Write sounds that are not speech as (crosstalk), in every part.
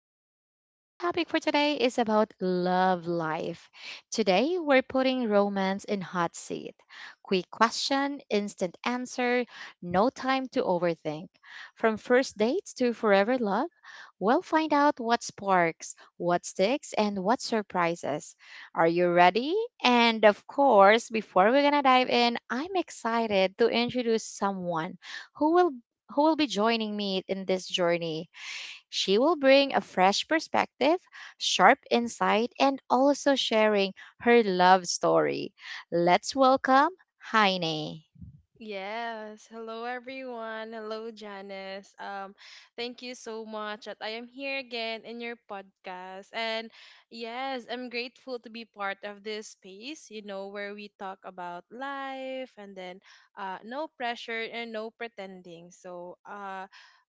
podcast. Our topic for today is about love life. Today, we're putting romance in hot seat. Quick question, instant answer, no time to overthink. From first dates to forever love, we'll find out what sparks, what sticks, and what surprises. Are you ready? And of course, before we're gonna dive in, I'm excited to introduce someone who will who will be joining me in this journey. She will bring a fresh perspective, sharp insight, and also sharing her love story. Let's welcome Heine. Yes. Hello, everyone. Hello, Janice. Thank you so much that I am here again in your podcast. And yes, I'm grateful to be part of this space, you know, where we talk about life and then no pressure and no pretending. So, uh,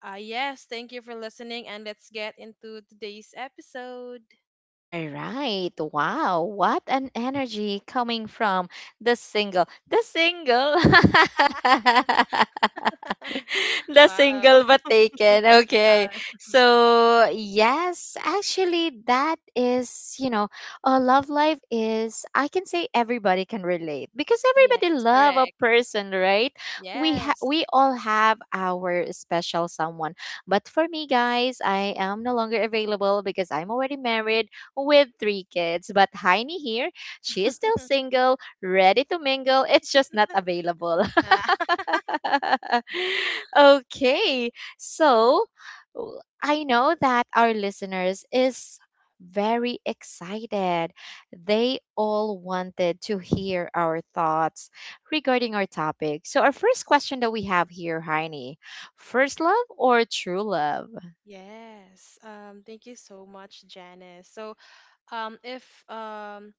uh, yes, thank you for listening. And let's get into today's episode. All right. Wow. What an energy coming from the single. The single. (laughs) (laughs) The Wow. single but (laughs) taken. Okay. uh, So, yes, actually, that is, a love life is, I can say everybody can relate because yes, everybody love a correct. person, right? Yes. We all have our special someone. But for me, guys, I am no longer available because I'm already married with three kids. But Heini here, she is still (laughs) single, ready to mingle. It's just not available. Ah. (laughs) Okay, so I know that our listeners is very excited. They all wanted to hear our thoughts regarding our topic. So our first question that we have here, Heini, first love or true love? Yes. Thank you so much, Janice. So, um if um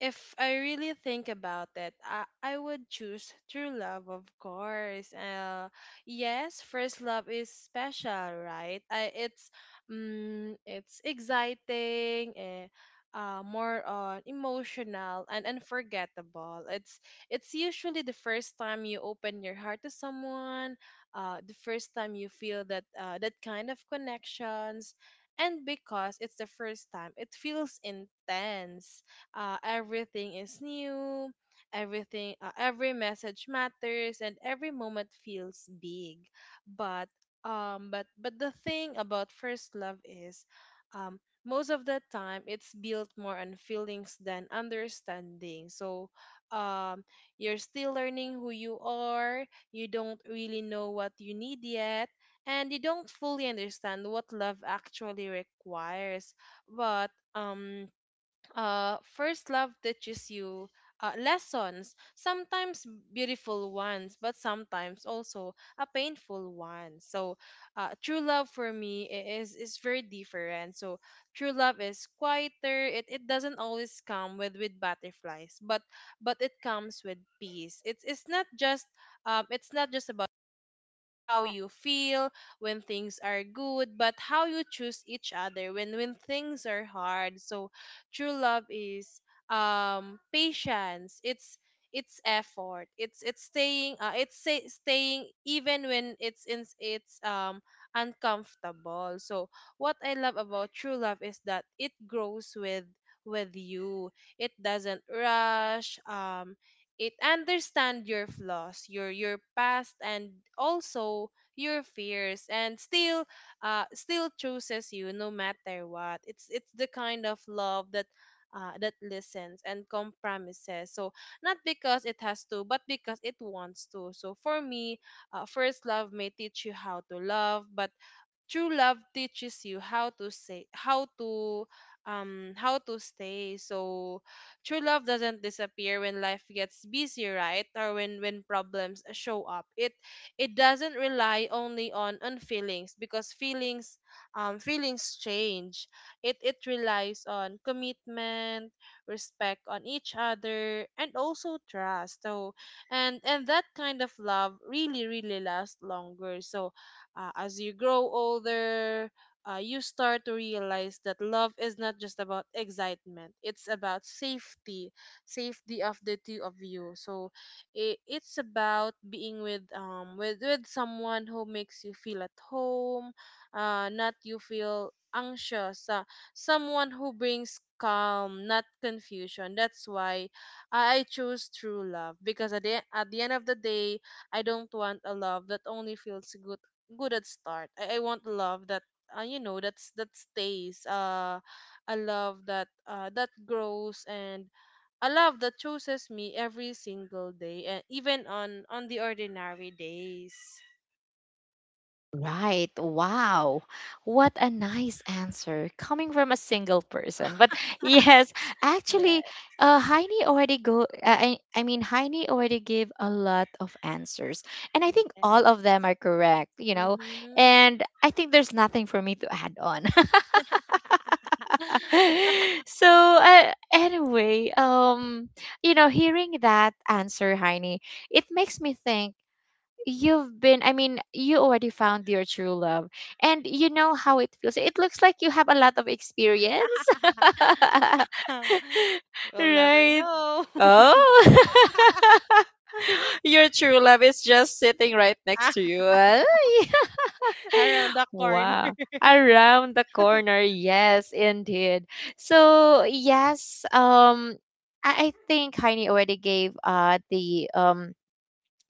if I really think about it, I would choose true love, of course. Yes, first love is special, right? It's exciting, more on emotional and unforgettable. It's usually the first time you open your heart to someone, the first time you feel that kind of connections, and because it's the first time it feels intense, everything is new, everything every message matters and every moment feels big. But um but but the thing about first love is, um most of the time, it's built more on feelings than understanding. So um you're still learning who you are, you don't really know what you need yet, and you don't fully understand what love actually requires. But (tsk) first love teaches you lessons, sometimes beautiful ones, but sometimes also a painful one. So true love for me is very different. So true love is quieter. It doesn't always come with butterflies, but it comes with peace. It's not just it's not just about how you feel when things are good, but how you choose each other when things are hard. So true love is patience. It's effort. It's staying, staying even when it's uncomfortable. So what I love about true love is that it grows with you. It doesn't rush. It understand your flaws, your past, and also your fears, and still still chooses you no matter what. It's the kind of love that that listens and compromises, so not because it has to, but because it wants to. So for me, first love may teach you how to love, but true love teaches you how to stay so true love doesn't disappear when life gets busy, right, or when problems show up. It doesn't rely only on feelings, because feelings, feelings change. It relies on commitment, respect on each other, and also trust. So and that kind of love really, really lasts longer. So as you grow older, you start to realize that love is not just about excitement, it's about safety, safety of the two of you. So it's about being with with someone who makes you feel at home, not you feel anxious, someone who brings calm, not confusion. That's why I choose true love, because at at the end of the day, I don't want a love that only feels good at start. I want love that you know, that stays. A love that that grows, and a love that chooses me every single day, and even on the ordinary days. Right. Wow. What a nice answer coming from a single person. But (laughs) (laughs) yes, Yeah. actually, Heini already go. I mean, Heini already gave a lot of answers, and I think all Yes. of them are correct. You know, Mhm. and I think there's nothing for me to add on. (laughs) So anyway, hearing that answer, Heini, it makes me think You've been, I mean, you already found your true love. And you know how it feels. It looks like you have a lot of experience. (laughs) (laughs) You'll never Right? know. Oh. (laughs) (laughs) Your true love is just sitting right next to you. Ay. (laughs) Around the corner. Wow. (laughs) Around the corner. Yes, indeed. So, yes, I think Heini already gave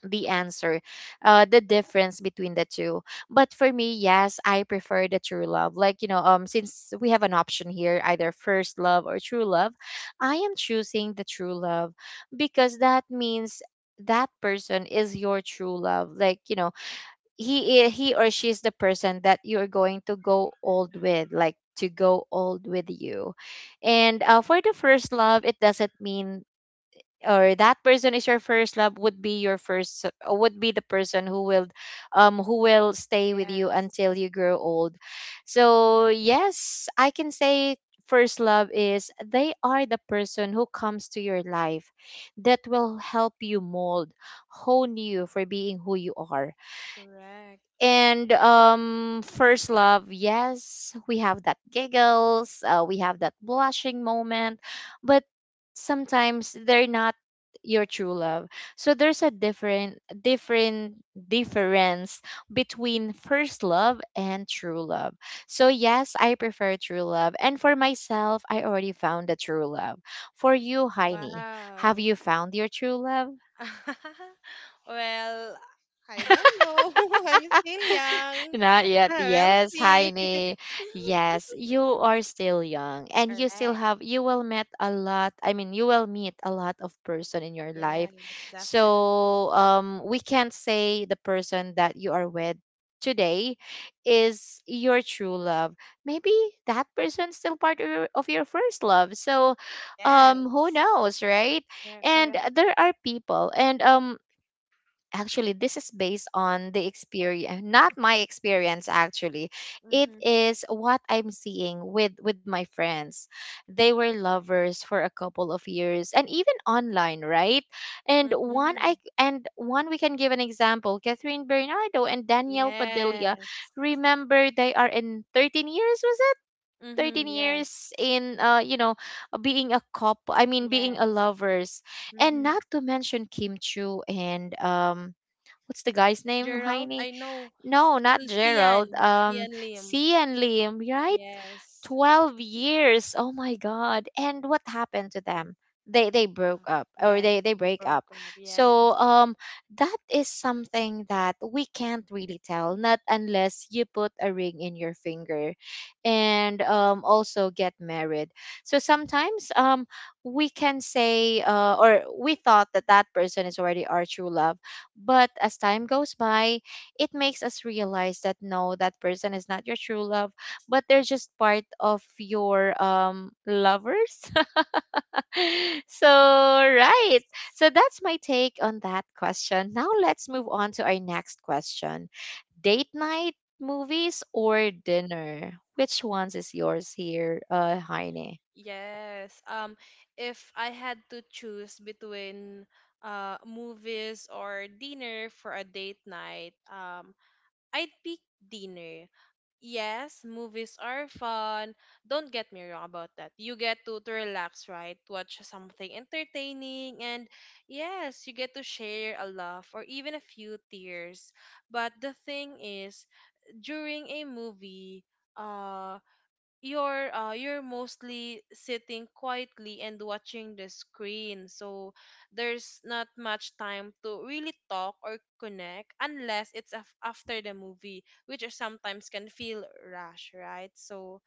the answer, the difference between the two. But for me, yes, I prefer the true love. Like, since we have an option here, either first love or true love, I am choosing the true love because that means that person is your true love like he or she is the person that you're going to go old with like to go old with you. And for the first love it doesn't mean or that person is your first love would be your first would be the person who will stay with you Yes. until you grow old. So yes, I can say first love is they are the person who comes to your life that will help you mold, hone you for being who you are. Correct. And first love, yes, we have that giggles, we have that blushing moment, but sometimes they're not your true love. So there's a different, difference between first love and true love. So yes, I prefer true love, and for myself, I already found the true love. For you, Heini, have Wow. you found your true love? (laughs) Well, I don't know. (laughs) I'm still young. Not (laughs) yet. We'll Yes, see. Heine. (laughs) Yes, you are still young and you still Correct. have you will meet a lot of person in your life. Yes, definitely. So, we can't say the person that you are with today is your true love. Maybe that person is still part of of your first love. So, who Yes. knows, right? Correct. And correct. there are people and actually this is based on the experience, not my experience, actually. It Mm-hmm. is what I'm seeing with my friends. They were lovers for a couple of years and even online, right? And one Mm-hmm. I and one, we can give an example, Catherine Bernardo and Danielle Padilla. Yes. Remember, they are in 13 years, was it? Mm-hmm. 13 Yes. years in being a couple. I mean being a Yes. lovers. And Mm-hmm. not to mention Kim Chu and what's the guy's name, Gerald, Heine? I know. No, not Gerald. Sian. Sian Lim. C and Liam, right? Yes. 12 years, oh my god. And what happened to them? They Uh, broke up, or yes. They You break broke up. up. So Yes. That is something that we can't really tell, not unless you put a ring in your finger and also get married. So sometimes we can say or we thought that that person is already our true love, but as time goes by, it makes us realize that no, that person is not your true love, but they're just part of your lovers. (laughs) So right, so that's my take on that question. Now let's move on to our next question. Date night, movies or dinner? Which ones is yours here, Heine? Yes. If I had to choose between movies or dinner for a date night, I'd pick dinner. Yes, movies are fun. Don't get me wrong about that. You get to relax, right? Watch something entertaining, and yes, you get to share a laugh or even a few tears. But the thing is, during a movie, uh you're mostly sitting quietly and watching the screen, so there's not much time to really talk or connect unless it's after the movie, which are sometimes can feel rush, right? So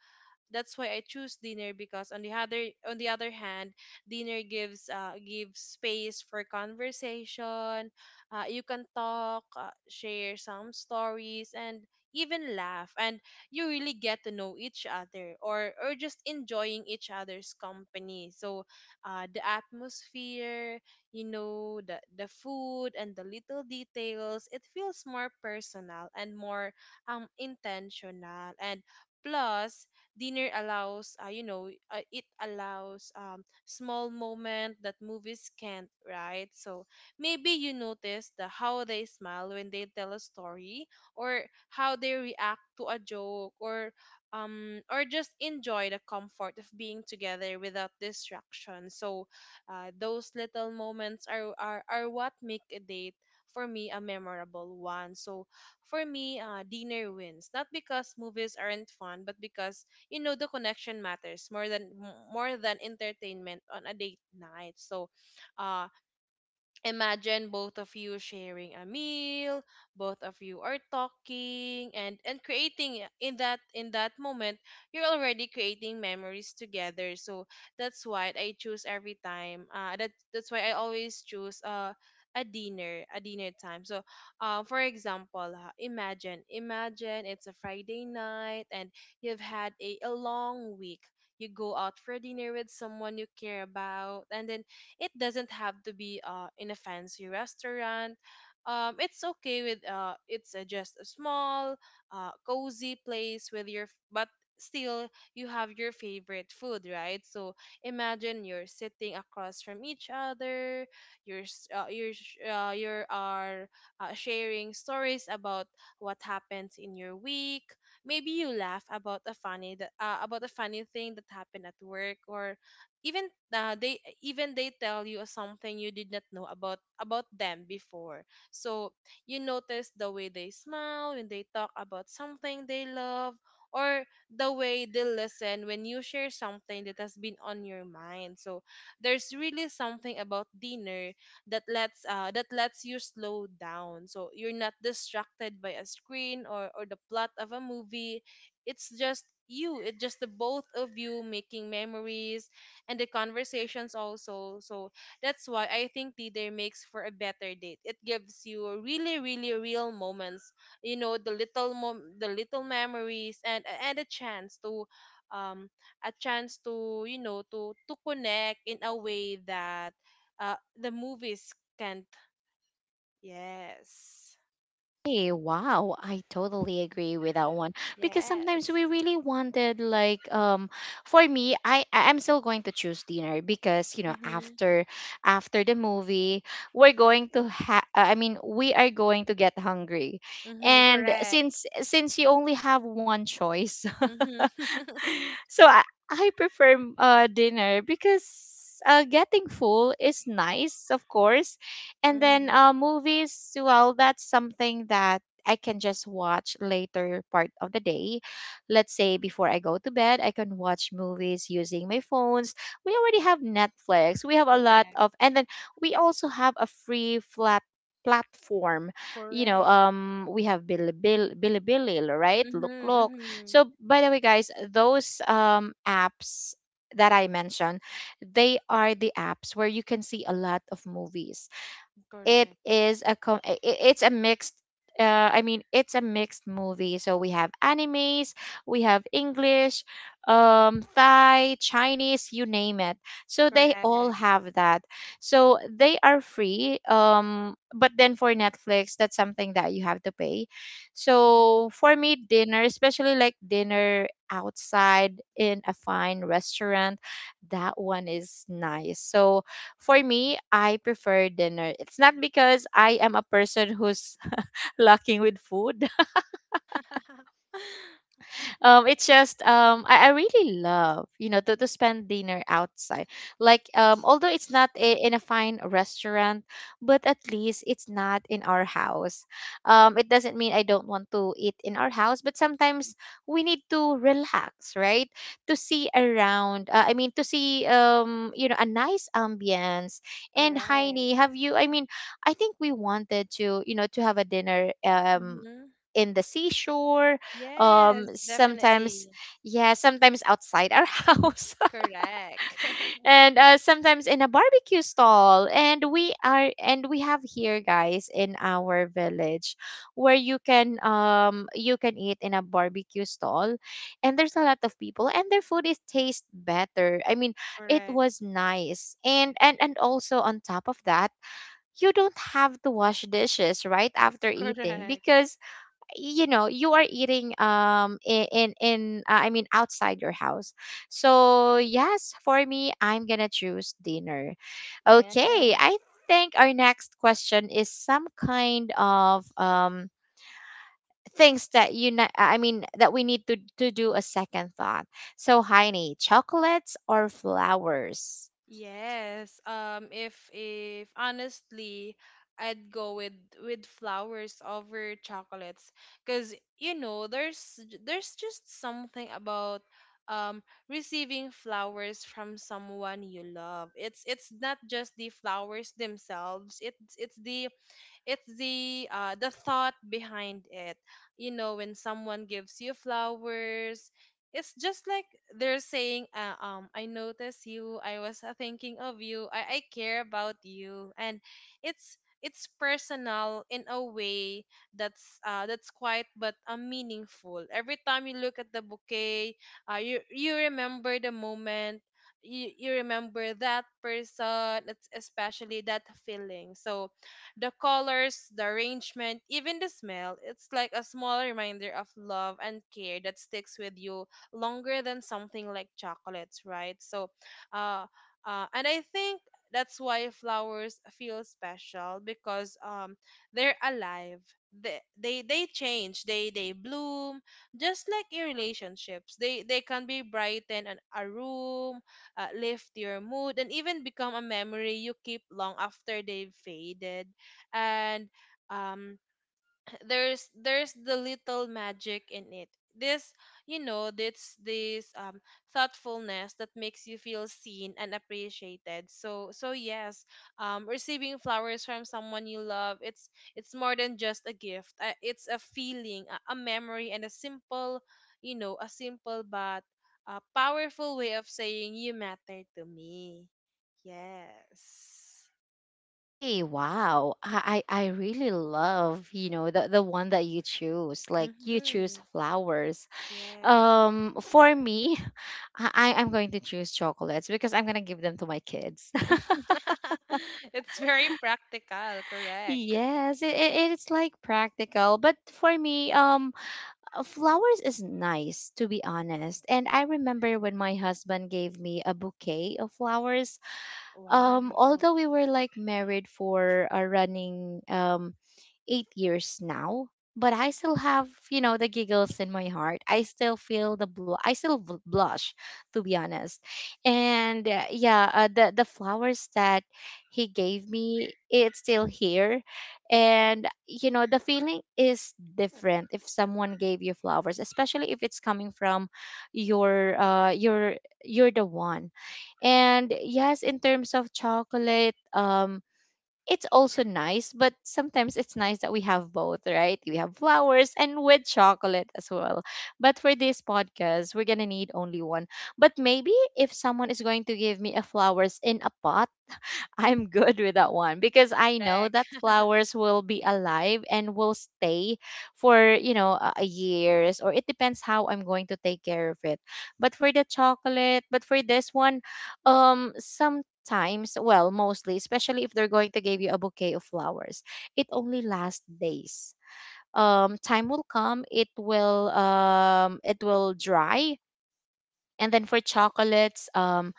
that's why I choose dinner, because on the other hand, dinner gives gives space for conversation. You can talk, share some stories, and even laugh, and you really get to know each other, or just enjoying each other's company. So, the atmosphere, you know, the food and the little details, it feels more personal and more intentional. And plus, dinner allows you know, it allows small moment that movies can't, right? So maybe you notice the how they smile when they tell a story, or how they react to a joke, or just enjoy the comfort of being together without distraction. So those little moments are, are what make a date, for me, a memorable one. So for me, dinner wins. Not because movies aren't fun, but because, you know, the connection matters more than more than entertainment on a date night. So uh, imagine both of you sharing a meal, both of you are talking and creating in that moment, you're already creating memories together. So that's why I choose every time, that's why I always choose a dinner, a dinner time. So for example, imagine it's a Friday night and you've had a long week. You go out for dinner with someone you care about, and then it doesn't have to be in a fancy restaurant. Um, it's okay with it's just a small, cozy place with your but still, you have your favorite food, right? So imagine you're sitting across from each other, you're s- you're sh- you are sharing stories about what happens in your week. Maybe you laugh about a funny that about a funny thing that happened at work, or even they tell you something you did not know about them before. So you notice the way they smile when they talk about something they love, or the way they listen when you share something that has been on your mind. So there's really something about dinner that lets you slow down, so you're not distracted by a screen, or the plot of a movie. It's just you, it's just the both of you making memories, and the conversations also. So that's why I think Tinder makes for a better date. It gives you really, really real moments. You know, the little the little memories, and a chance to, um, a chance to, you know, to connect in a way that, the movies can't. Yes. Hey, wow, I totally agree with that one because sometimes Yes. we really wanted like for me I'm still going to choose dinner because Mhm. after the movie we're going to ha I mean we are going to get hungry. Mhm. And Correct. Since you only have one choice. Mhm. (laughs) (laughs) (laughs) So I prefer dinner because getting full is nice, of course. And then Mhm. Movies, well, that's something that I can just watch later part of the day. Let's say before I go to bed, I can watch movies using my phones. We already have Netflix. We have a lot Correct. of, and then we also have a free flat platform. You know, Correct. We have Bilibili, Bilibili, right? Mhm. Look, look. Mhm. So, by the way, guys, those apps that I mentioned, they are the apps where you can see a lot of movies. It Correct. is a com- I- it's a mixed it's a mixed movie. So we have animes, we have English, Thai, Chinese, you name it. So they all Correct. have that. So they are free. But then for Netflix, that's something that you have to pay. So for me, dinner, especially like dinner outside in a fine restaurant, that one is nice. So for me, I prefer dinner. It's not because I am a person who's (laughs) lacking with food. (laughs) Um, it's just I really love, to spend dinner outside, like although it's not in a fine restaurant, but at least it's not in our house. Um, it doesn't mean I don't want to eat in our house, but sometimes we need to relax, right? To see around, to see a nice ambience. And Correct. Heidi, have you, I think we wanted to, to have a dinner, Hmm. in the seashore, Yes, sometimes. definitely. Yeah, sometimes outside our (laughs) house. Correct. (laughs) And sometimes in a barbecue stall. And we are, and we have here, guys, in our village, where you can eat in a barbecue stall, and there's a lot of people and their food is taste better. It Correct. was nice. And also on top of that, you don't have to wash dishes right after eating, Correct. because you are eating in outside your house. So yes, for me, I'm gonna choose dinner. Yes. Okay, I think our next question is some kind of things that you ne- I mean that we need to do a second thought. So Heini, chocolates or flowers? Yes. If honestly I'd go with flowers over chocolates, cuz you know there's there's just something about um receiving flowers from someone you love. It's not just the flowers themselves. It's the thought behind it. You know, when someone gives you flowers, it's just like they're saying um, I notice you, I was thinking of you, I care about you. And it's personal in a way that's quiet but meaningful. Every time you look at the bouquet, you remember the moment, you remember that person. It's especially that feeling. So the colors, the arrangement, even the smell, it's like a small reminder of love and care that sticks with you longer than something like chocolates, right? So, uh, and I think that's why flowers feel special, because they're alive. They change. They bloom just like in relationships. They can be brighten a room, lift your mood, and even become a memory you keep long after they've faded. And um there's the little magic in it, this you know, this thoughtfulness that makes you feel seen and appreciated. So so yes, um, receiving flowers from someone you love, it's more than just a gift. Uh, it's a feeling, a memory, and a simple, you know, a simple but a powerful way of saying you matter to me. Yes. Hey, wow. I really love, the one that you choose. Like you choose Mhm. flowers. Yes. For me, (laughs) I'm going to choose chocolates because I'm gonna give them to my kids. (laughs) (laughs) It's very practical, correct. Yes, it it's like practical, but for me, flowers is nice, to be honest. And I remember when my husband gave me a bouquet of flowers. Wow, Although we were like married for a running 8 years now, but I still have, you know, the giggles in my heart. I still feel the I still blush, to be honest. And the flowers that he gave me, it's still here, and you know, the feeling is different if someone gave you flowers, especially if it's coming from your you're the one. And yes, in terms of chocolate, it's also nice, but sometimes it's nice that we have both, right? We have flowers and with chocolate as well. But for this podcast, we're gonna need only one. But maybe if someone is going to give me a flowers in a pot, I'm good with that one because I know correct. that (laughs) flowers will be alive and will stay for, you know, a years, or it depends how I'm going to take care of it. But for the chocolate, but for this one, sometimes, well, mostly, especially if they're going to give you a bouquet of flowers, it only lasts days. Time will come, it will dry. And then for chocolates,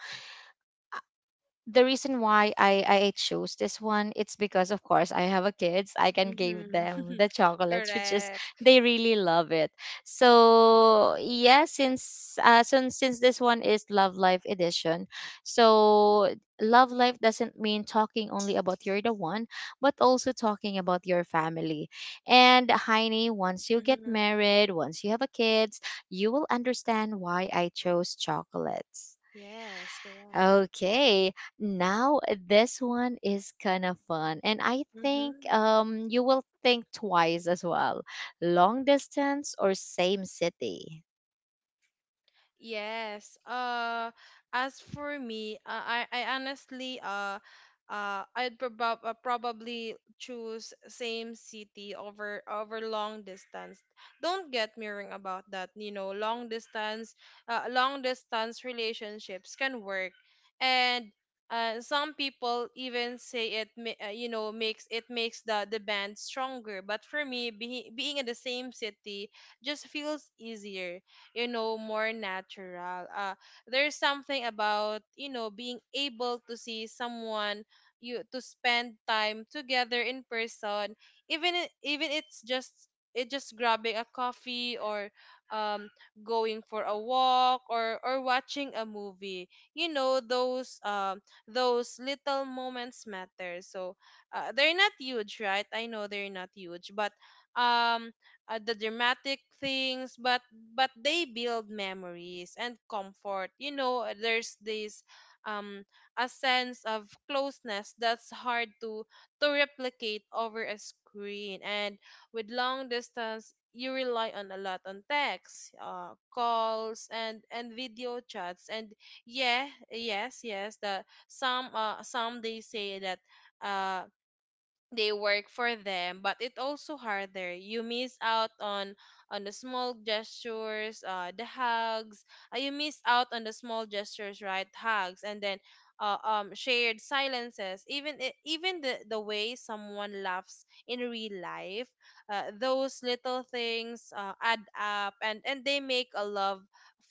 the reason why I chose this one, it's because of course I have a kids. I can give them Mm-hmm. the (laughs) chocolates, which is Correct. they really love it. So yeah, since this one is Love Life edition, so Love Life doesn't mean talking only about you're the one, but also talking about your family. And Heine, once you get Mm-hmm. married, once you have a kids, you will understand why I chose chocolates. Yes, correct. Okay, now this one is kind of fun, and I think Mm-hmm. You will think twice as well. Long distance or same city? Yes. As for me, I honestly probably choose same city over long distance. Don't get me wrong about that. You know, long distance relationships can work, and some people even say it. Makes the band stronger. But for me, being in the same city just feels easier, more natural. There's something about being able to see someone, you to spend time together in person, even it just grabbing a coffee, or um going for a walk, or watching a movie. you know those um those little moments matter, so they're not huge, right? I know they're not huge, but um the dramatic things, but they build memories and comfort. There's this um a sense of closeness that's hard to replicate over a screen. And with long distance, you rely on a lot on text, calls and video chats, and yeah, yes, yes, the some they say that, uh they work for them, but it also harder. You miss out on the small gestures, the hugs. You miss out on the small gestures, right? Hugs, and then shared silences, even the way someone laughs in real life. Those little things, add up, and they make a love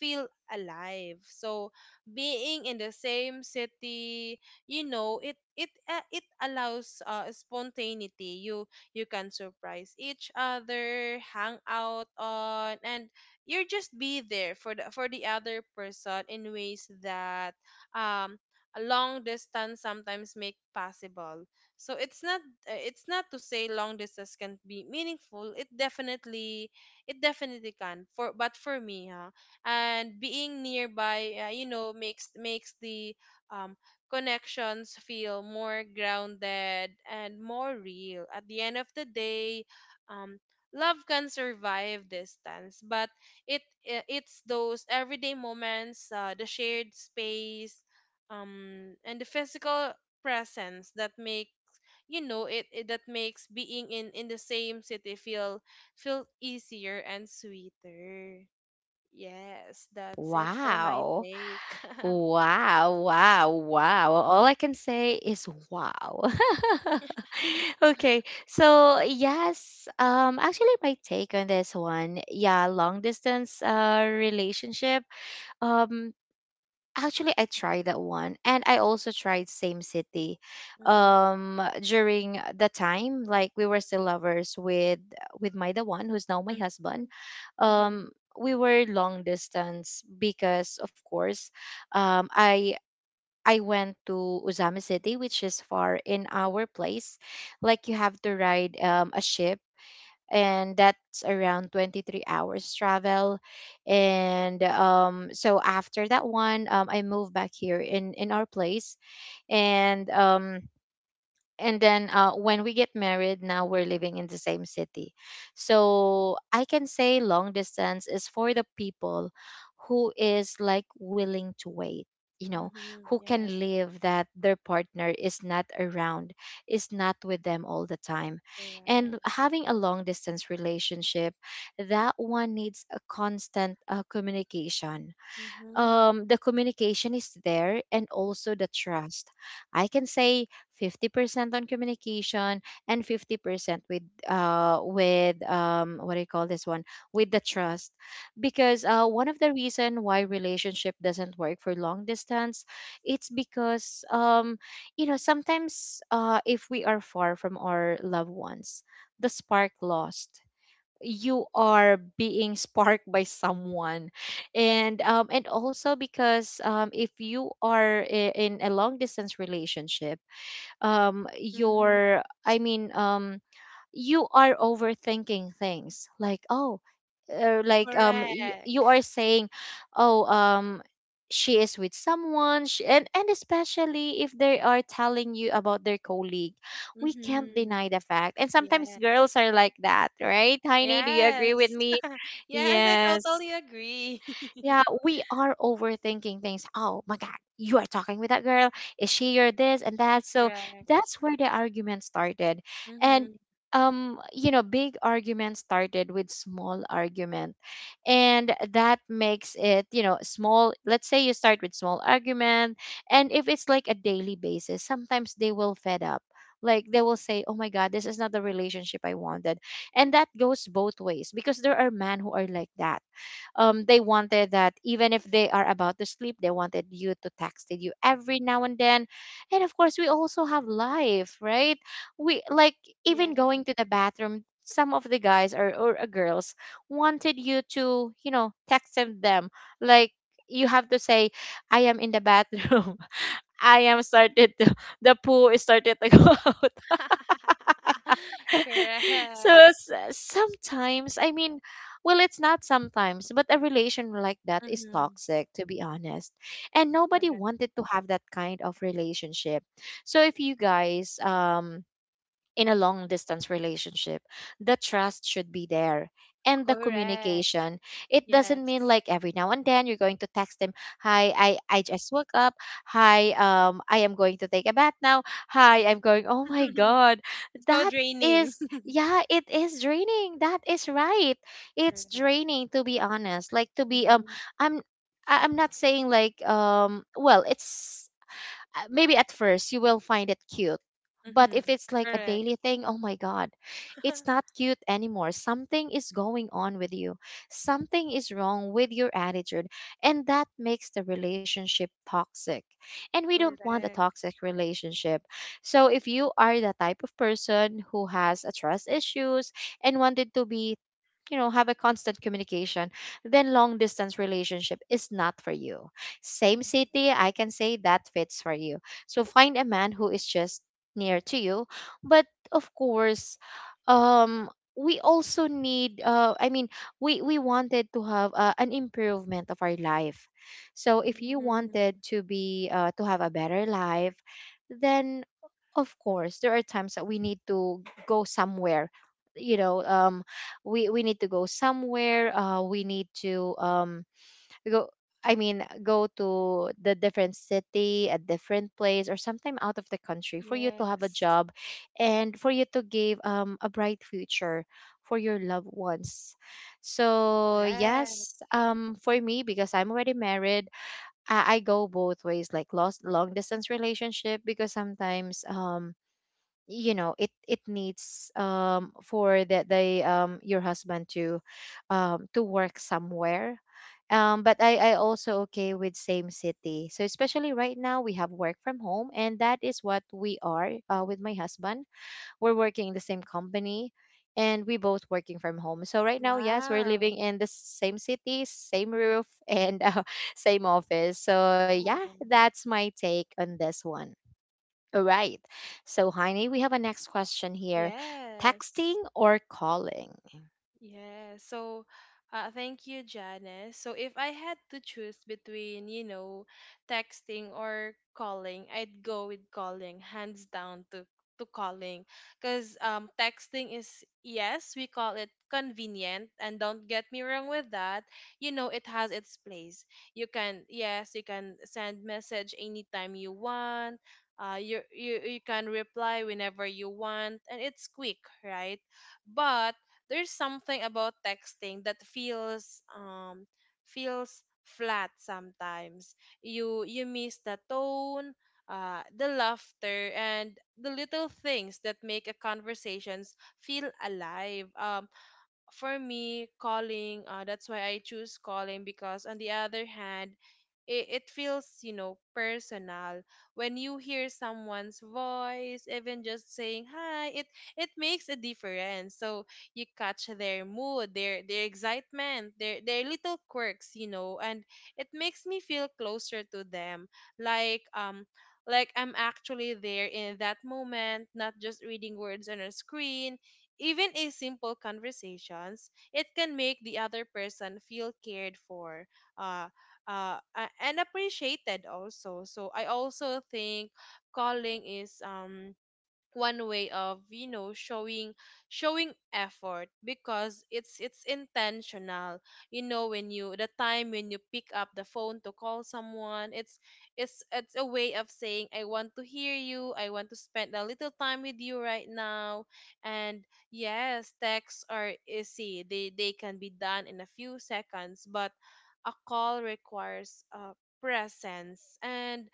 feel alive, so being in the same city, it allows spontaneity. You can surprise each other, hang out on, and you just be there for the other person in ways that um a long distance sometimes make possible. So it's not to say long distance can be meaningful. It definitely can, for but for me, huh. And being nearby, makes the um connections feel more grounded and more real. At the end of the day, um, love can survive distance, but it's those everyday moments, the shared space, and the physical presence that make you know it, it that makes being in the same city feel easier and sweeter. Yes, that's it for my Wow. take. (laughs) Wow, wow, wow. All I can say is wow. (laughs) Okay, so yes, actually my take on this one, yeah, long distance relationship. Um Actually, I tried that one, and I also tried Same City, Hmm. During the time like we were still lovers with my the one who's now my husband. um Mhm. we were long distance because of course um i I went to uzami city, which is far in our place. Like you have to ride a ship, and that's around 23 hours travel. And so after that one, I moved back here in our place. And And then when we get married, now we're living in the same city. So I can say long distance is for the people who is like willing to wait, you know, Mhm. who Yeah. can live that their partner is not around, is not with them all the time. And Correct. having a long distance relationship, that one needs a constant communication. Mhm. The communication is there and also the trust. I can say 50% on communication and 50% with what do you call this one, with the trust. Because one of the reason why relationship doesn't work for long distance, it's because you know, sometimes if we are far from our loved ones, the spark lost. You are being sparked by someone. And and also because if you are in a long distance relationship, Mhm. your I mean you are overthinking things, like oh, or like Correct. you are saying, oh she is with someone sh and especially if they are telling you about their colleague. We can't deny Mhm. the fact, and sometimes girls Yes. are like that, right, Tiny? Do you agree with Yes. me? (laughs) Yes, I Yes, totally agree. yeah, (laughs) we are overthinking things. Oh my God, you are talking with that girl. Is she your this and that? So Correct. that's where the argument started. And Mhm. You know, big argument started with small argument. And that makes it, you know, small. Let's say you start with small argument. And if it's like a daily basis, sometimes they will fed up. Like they will say, oh my God, this is not the relationship I wanted. And that goes both ways, because there are men who are like that. They wanted that even if they are about to sleep, they wanted you to text you every now and then. And of course, we also have life, right? We like Yeah. even going to the bathroom. Some of the guys or, girls wanted you to, you know, text them. Like you have to say, "I am in the bathroom. (laughs) I am started to the poo is started to go (laughs) out." (laughs) (laughs) So Correct. Sometimes, I mean, well, it's not sometimes, but a relation like that is Mhm. toxic, to be honest. And nobody Correct. wanted to have that kind of relationship. So if you guys in a long distance relationship, the trust should be there, and the Correct. communication. It doesn't mean Yes. like every now and then you're going to text them, "Hi, I just woke up. Hi, I am going to take a bath now. Hi, I'm going, oh my (laughs) god." It's so That draining. is, (laughs) yeah, it is draining. That is right. It's Correct. draining, to be honest. Like to be Mhm. i'm I'm not saying like, well, it's maybe at first you will find it cute. But Mhm. if it's like a Correct. daily thing, oh my God, it's (laughs) not cute anymore. Something is going on with you. Something is wrong with your attitude. And that makes the relationship toxic. And we don't want a Correct. toxic relationship. So if you are the type of person who has a trust issues and wanted to be, you know, have a constant communication, then long distance relationship is not for you. Same city, I can say that fits for you. So find a man who is just near to you. But of course, um, we also need, we wanted to have an improvement of our life. So if you wanted Mm-hmm. to be to have a better life, then of course, there are times that we need to go somewhere, you know. We need to go somewhere, we need to go I mean go to the different city, a different place, or sometime out of the country, for you to have a Yes. job, and for you to give a bright future for your loved ones. So Correct. yes, for me, because I'm already married, I go both ways, like lost long distance relationship, because sometimes you know, it needs for that they your husband to work somewhere. But I also okay with same city. So especially right now, we have work from home, and that is what we are, with my husband, we're working in the same company and we both working from home. So right now, yes, we're Wow. living in the same city, same roof, and (laughs) same office. So yeah, Wow. that's my take on this one. All right. So, Heine, we have a next question here. Texting Yes. or calling? Yeah, so thank you, Janice. So if I had to choose between, you know, texting or calling, I'd go with calling, hands down to calling. Because texting is, yes, we call it convenient, and don't get me wrong with that. You know, it has its place. Yes, you can send message anytime you want. You can reply whenever you want, and it's quick, right? But there's something about texting that feels flat sometimes. You miss the tone, the laughter, and the little things that make a conversations feel alive. For me, calling, that's why I choose calling, because, on the other hand, it feels, personal. When you hear someone's voice, even just saying hi, it makes a difference. So you catch their mood, their excitement, their little quirks, you know, and it makes me feel closer to them. Like, um, like I'm actually there in that moment, not just reading words on a screen, even in simple conversations. It can make the other person feel cared for uh, and appreciated also. So I also think calling is one way of showing effort, because it's intentional. You know, when you the time when you pick up the phone to call someone, it's a way of saying, I want to hear you, I want to spend a little time with you right now. And yes, texts are easy, they can be done in a few seconds, but a call requires presence, and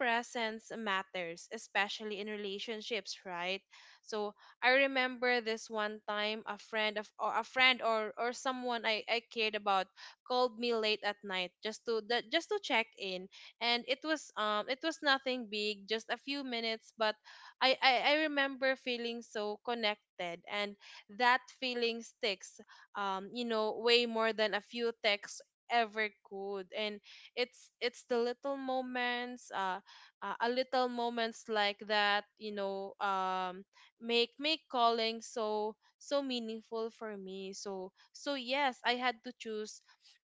presence matters, especially in relationships, right? So I remember this one time, a friend, or someone I cared about called me late at night, just to check in. And it was nothing big, just a few minutes, but I remember feeling so connected, and that feeling sticks, way more than a few texts ever could. And it's the little moments, a little moments like that, make calling so meaningful for me. So yes, I had to choose.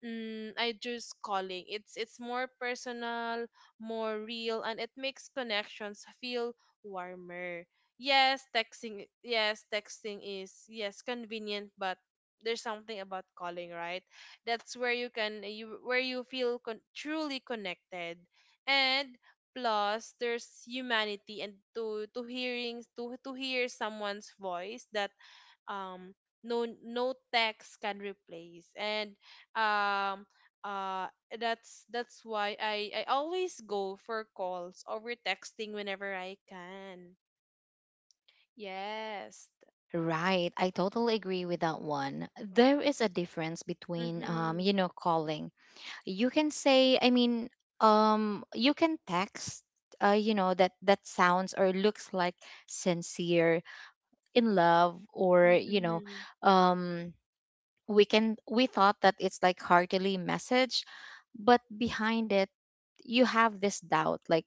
I choose calling. It's more personal, more real, and it makes connections feel warmer. Yes, texting is, yes, convenient, but there's something about calling, right? That's where you can, you where you feel truly connected. And plus, there's humanity and to hear someone's voice that um no text can replace. And um uh that's why I always go for calls over texting, whenever I can. Yes. Right. I totally agree with that one. There is a difference between, Mhm. you know, calling. You can say, I mean, you can text, you know, that that sounds or looks like sincere in love or, you know, Mhm. um we can we thought that it's like heartily message, but behind it you have this doubt, like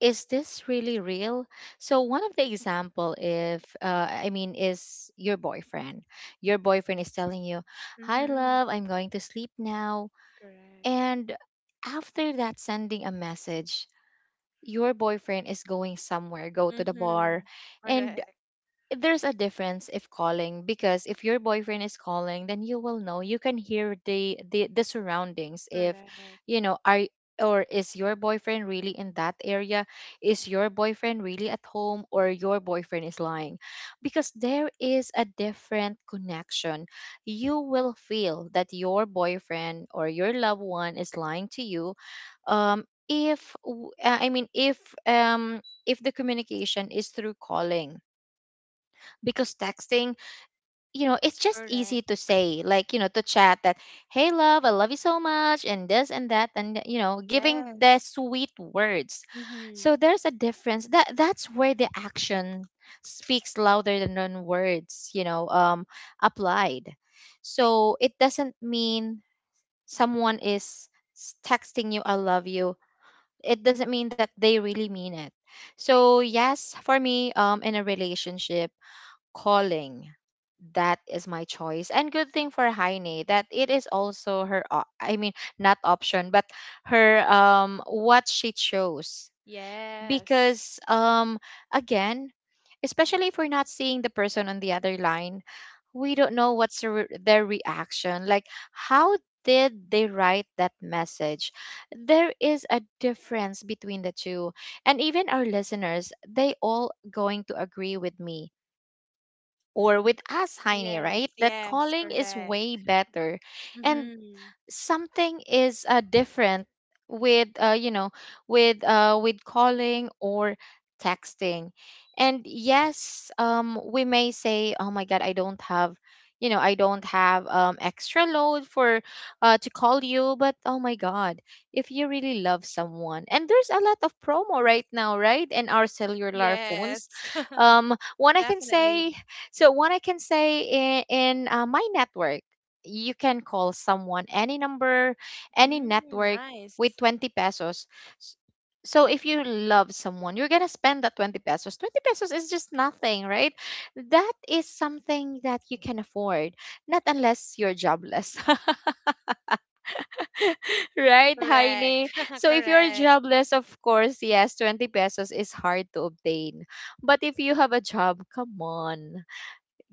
is this really real? So one of the example, if is your boyfriend, your boyfriend is telling you, "Hi Mhm. love, I'm going to sleep now." Correct. And after that, sending a message, your boyfriend is going somewhere, go to the bar. Mhm. And Correct. there's a difference if calling, because if your boyfriend is calling, then you will know, you can hear the the surroundings, if Correct. you know, are, or is your boyfriend really in that area, is your boyfriend really at home, or your boyfriend is lying. Because there is a different connection, you will feel that your boyfriend or your loved one is lying to you, if w- I mean um if the communication is through calling. Because texting, you know, it's just easy Correct. to say, like, you know, to chat that, "Hey love, I love you so much," and this and that, and you know, giving the Yes. sweet words. So Mhm. there's a difference, that that's where the action speaks louder than on words, you know, applied. So it doesn't mean someone is texting you "I love you," it doesn't mean that they really mean it. So yes, for me, in a relationship, calling. That is my choice. And good thing for Heine, that it is also her I mean, not option, but her what she chose. Yes. Because again, especially if we're not seeing the person on the other line, we don't know what's the their reaction, like how did they write that message. There is a difference between the two, and even our listeners, they all going to agree with me or with us, Heine, Yes, right? That yes, calling is correct. way better. And Mm-hmm. something is different with, you know, with, with calling or texting. And yes, we may say, oh my god, I don't have, you know, I don't have extra load for, to call you. But oh my god, if you really love someone, and there's a lot of promo right now, right, in our cellular Yes, phones, (laughs) um, one i can definitely. say one I can say in my network, you can call someone any number, any Mm, network with nice. 20 pesos. S- So if you love someone, you're going to spend that 20 pesos. 20 pesos is just nothing, right? That is something that you can afford, not unless you're jobless. (laughs) Right, Heine? Correct, (laughs) So if you're correct. jobless, of course, yes, 20 pesos is hard to obtain. But if you have a job, come on,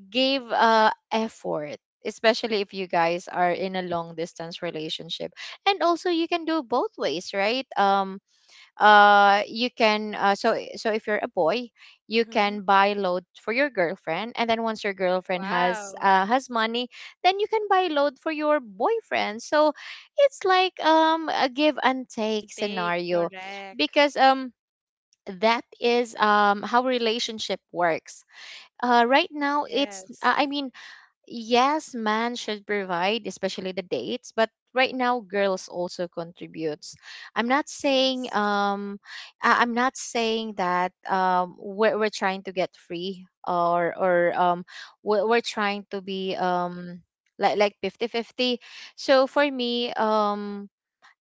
give effort, especially if you guys are in a long distance relationship. And also you can do both ways, right? You can So if you're a boy, you Mm-hmm. can buy load for your girlfriend. And then once your girlfriend Wow. Has money, then you can buy load for your boyfriend. So it's like a give and take And take, scenario, correct. because that is how relationship works. Right now it's Yes, I mean Yes, man should provide, especially the dates, but right now girls also contributes. I'm not saying yes, I'm not saying that we're trying to get free, or or we're trying to be like fifty fifty. So for me um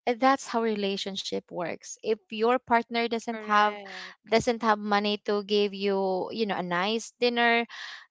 eh, that's how relationship works if your partner doesn't have, correct. doesn't have money to give you, you know, a nice dinner.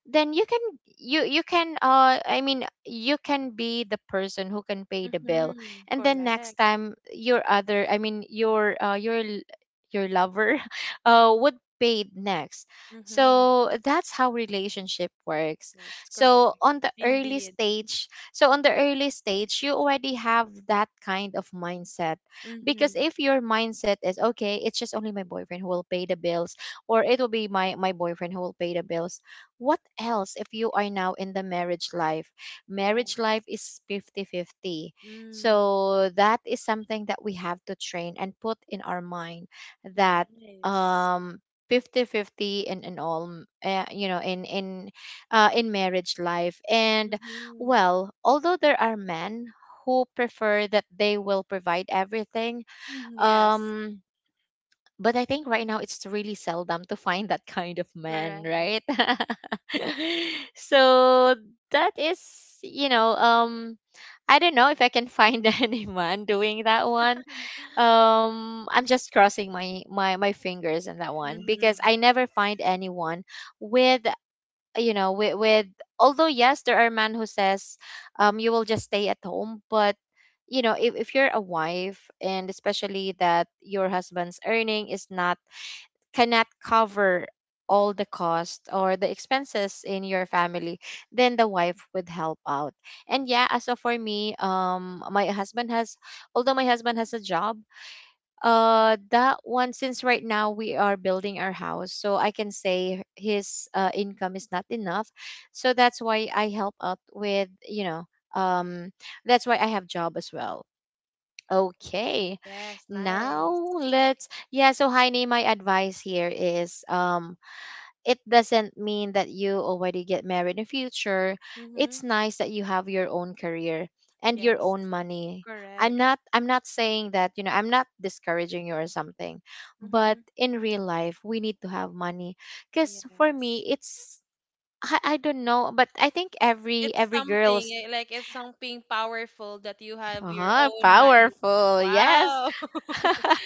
Then you can, you can you can be the person who can pay the bill. Mm-hmm. And then next Correct. time your other, I mean your your lover (laughs) would pay it next. Mm-hmm. So that's how relationship works. Works, so correct. on the early Indeed. stage so on the early stage, you already have that kind of mindset. Because Mm-hmm. if your mindset is okay, it's just only my boyfriend who will pay the bills, or it will be my boyfriend who will pay the bills. What else if you are now in the marriage life? Marriage Yes. life is 50 50. Mm, So that is something that we have to train and put in our mind that nice. um 50 50 in, all in marriage life. And Mm-hmm. well, although there are men who prefer that they will provide everything, Mm-hmm. Yes, um, but I think right now it's really seldom to find that kind of man, correct. right? (laughs) So that is, you know, I don't know if I can find (laughs) anyone doing that one. (laughs) I'm just crossing my fingers on that one because I Mm-hmm. never find anyone with, you know, with although yes, there are men who says you will just stay at home. But you know, if you're a wife, and especially that your husband's earning is not, cannot cover all the cost or the expenses in your family, then the wife would help out. And yeah, as of for me, my husband has, although my husband has a job, that one, since right now we are building our house, so I can say his income is not enough. So that's why I help out with, you know, um, that's why I have job as well. Okay, Yes, now nice. So Heine, my advice here is it doesn't mean that you already get married in future. Mm-hmm. It's nice that you have your own career and your Yes, own money. Correct. I'm not saying that, you know, I'm not discouraging you or something. But Mm-hmm. in real life, we need to have money, cuz for Yes. me it's, I don't know, but I think every It's every girl's something like it's something powerful that you have your own money. powerful. Yes. Wow. (laughs) Yeah, (laughs)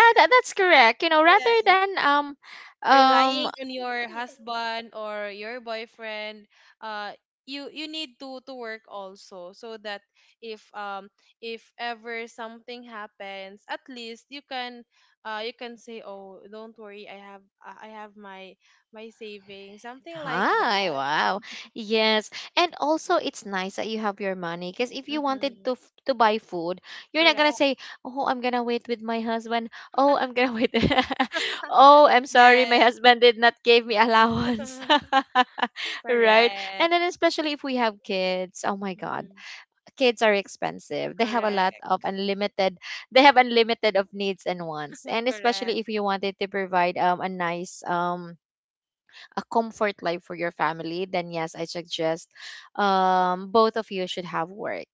that's correct. You know, Yes. rather than um Relying on your husband or your boyfriend, uh you need to work also, so that if um if ever something happens, at least you can, you can say, oh, don't worry, I have my savings, something like Hi, that. wow. Yes. And also it's nice that you have your money because if you wanted Mm-hmm. to to buy food, you're not gonna Correct. say, "Oh, I'm gonna wait with my husband. Oh, I'm gonna wait. (laughs) Oh, I'm sorry, my Yes. husband did not give me allowance." (laughs) (laughs) Right? And Correct. then especially if we have kids, oh my god. Mhm. Kids are expensive. They have a lot of Correct. unlimited, they have unlimited of needs and wants. And (laughs) especially Correct. if you wanted to provide a nice a comfort life for your family, then yes, I suggest both of you should have work.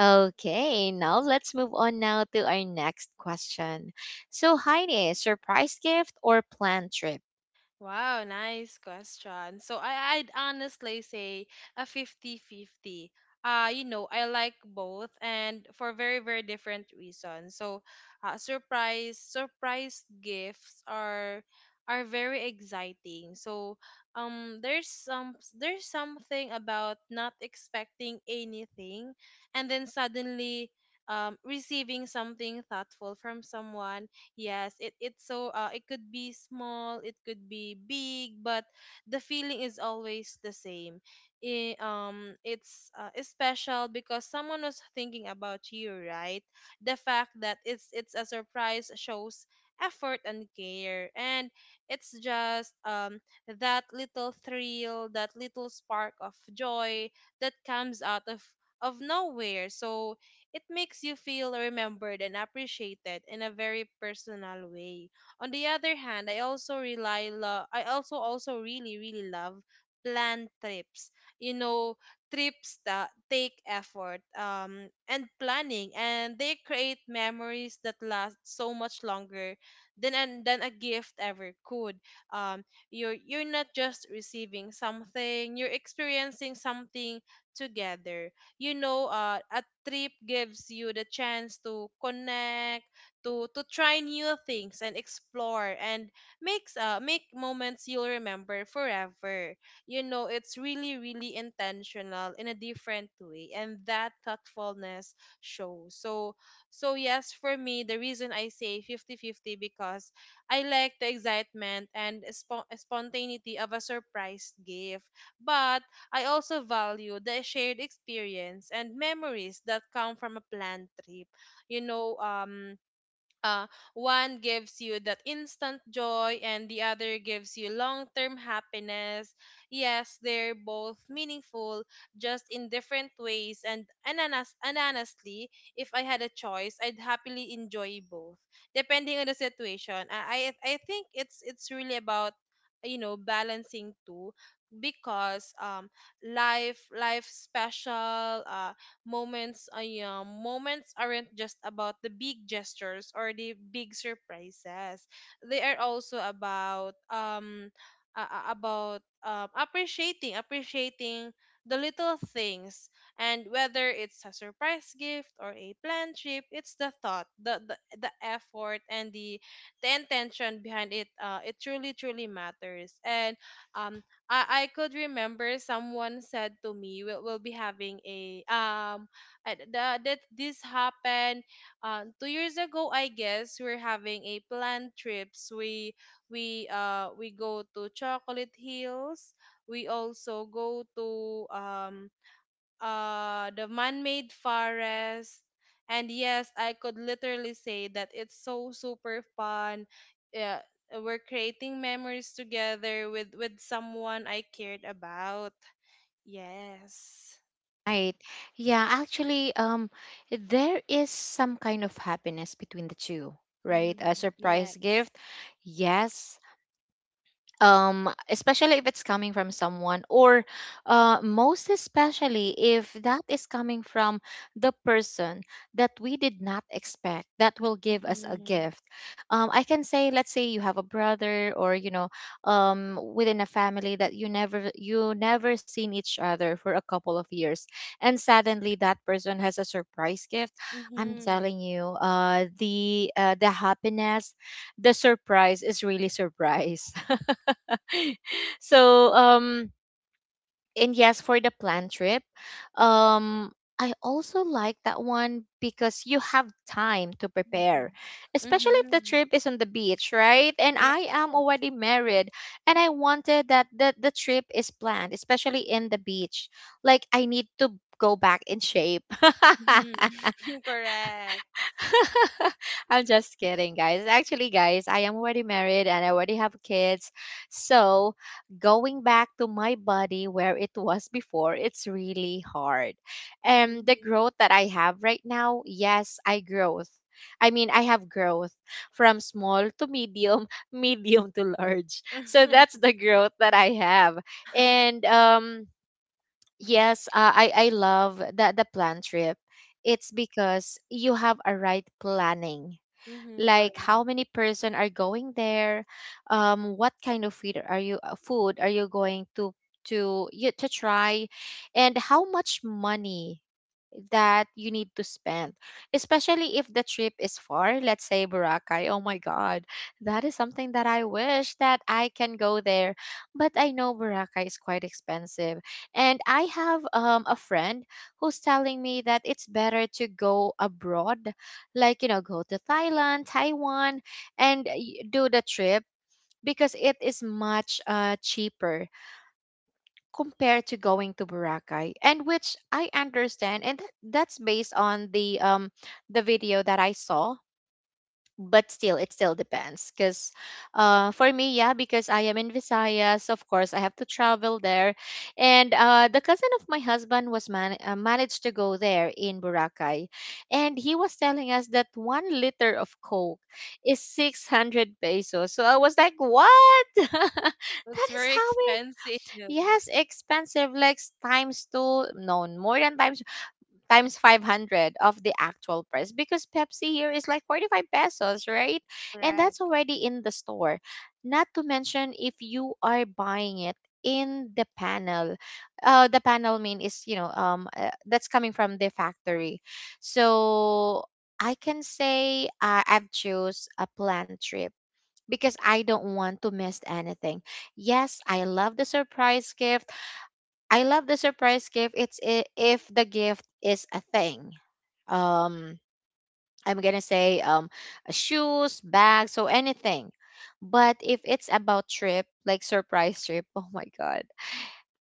Okay, now let's move on now to our next question. So, Heidi, surprise gift or planned trip? Wow, nice question. So I'd honestly say a fifty-fifty. 50. You know, I like both, and for very, very different reasons. So surprise gifts are very exciting. So there's something about not expecting anything, and then suddenly receiving something thoughtful from someone. Yes, it's so, it could be small, it could be big, but the feeling is always the same. I, it's special because someone was thinking about you, right? The fact that it's a surprise shows effort and care, and it's just that little thrill, that little spark of joy that comes out of nowhere. So it makes you feel remembered and appreciated in a very personal way. On the other hand, I also really, really love planned trips. You know, trips that take effort and planning, and they create memories that last so much longer than a gift ever could. You're not just receiving something, you're experiencing something together. A trip gives you the chance to connect, to try new things and explore, and make moments you'll remember forever. You know, it's really, really intentional in a different way, and that thoughtfulness shows. So, so yes, for me, the reason I say fifty fifty, because I like the excitement and spontaneity of a surprise gift, but I also value the shared experience and memories that come from a planned trip. You know, uh, one gives you that instant joy, and the other gives you long-term happiness. Yes, they're both meaningful, just in different ways, and honestly, if I had a choice, I'd happily enjoy both, depending on the situation. I think it's really about, you know, balancing too, because life special moments, yeah, moments aren't just about the big gestures or the big surprises. They are also about appreciating appreciating the little things, and whether it's a surprise gift or a planned trip, it's the thought, the effort, and the intention behind it, it truly, truly matters. And um I could remember someone said to me, we'll be having a, that this happened, 2 years ago, I guess. We're having a planned trips. We go to Chocolate Hills. We also go to um the man-made forest. And yes, I could literally say that it's so super fun. Yeah, we're creating memories together with someone I cared about. Yes. Right. Yeah, actually, there is some kind of happiness between the two, right? Mm-hmm. A surprise Yes. gift, yes, especially if it's coming from someone, or most especially if that is coming from the person that we did not expect that will give us a Mm-hmm. gift. I can say, let's say you have a brother, or you know, within a family that you never, seen each other for a couple of years, and suddenly that person has a surprise gift. I'm Mm-hmm. telling you, the happiness, the surprise is really surprise. (laughs) (laughs) So and yes, for the plan trip, um I also like that one because you have time to prepare, especially Mm-hmm. if the Mm-hmm. trip is on the beach, right? And Yes. I am already married, and I wanted that the trip is planned especially in the beach. Like I need to go back in shape. (laughs) Mm-hmm. (laughs) Correct. (laughs) I'm just kidding, guys. Actually, guys, I am already married and I already have kids. So going back to my body where it was before, it's really hard. And the Mm-hmm. growth that I have right now, yes, I growth. I mean, I have growth from small to medium, (laughs) medium to large. So (laughs) that's the growth that I have. And yes, I love the plan trip. It's because you have a right planning, Mm-hmm. Correct. like how many person are going there, what kind of food are you, going to you to try, and how much money that you need to spend, especially if the trip is far. Let's say Boracay. Oh my God, that is something that I wish that I can go there, but I know Boracay is quite expensive. And I have a friend who's telling me that it's better to go abroad, like you know, go to Thailand, Taiwan, and do the trip because it is much cheaper compared to going to Boracay, and which I understand, and that's based on the video that I saw. But still, it still depends, because for me, yeah, because I am in Visayas, of course, I have to travel there, and the cousin of my husband was managed to go there in Boracay, and he was telling us that 1 liter of Coke is 600 pesos. So I was like, what? (laughs) It's That is very how, expensive. yes, expensive, like times two, no, more than times 500 of the actual price because Pepsi here is like 45 pesos, right? And that's Correct. already in the store. Not to mention if you are buying it in the panel. The panel mean is, you know, that's coming from the factory. So I can say I've chose a planned trip because I don't want to miss anything. Yes, I love the surprise gift. It's if the gift is a thing. Um, I'm gonna say, shoes, bags, so anything. But if it's about trip, like surprise trip, (laughs) oh my god.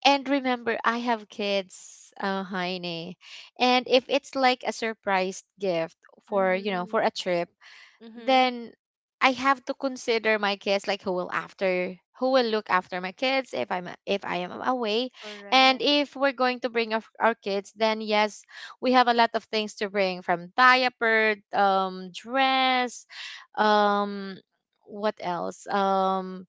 And remember, I have kids, Heine. And if it's like a surprise gift for, you know, Mm-hmm. for a trip, Mm-hmm. then I have to consider my kids, like who will after, who will look after my kids if I am away. And Correct. if we're going to bring our kids, then yes, we have a lot of things to bring, from diaper, dress, um what else um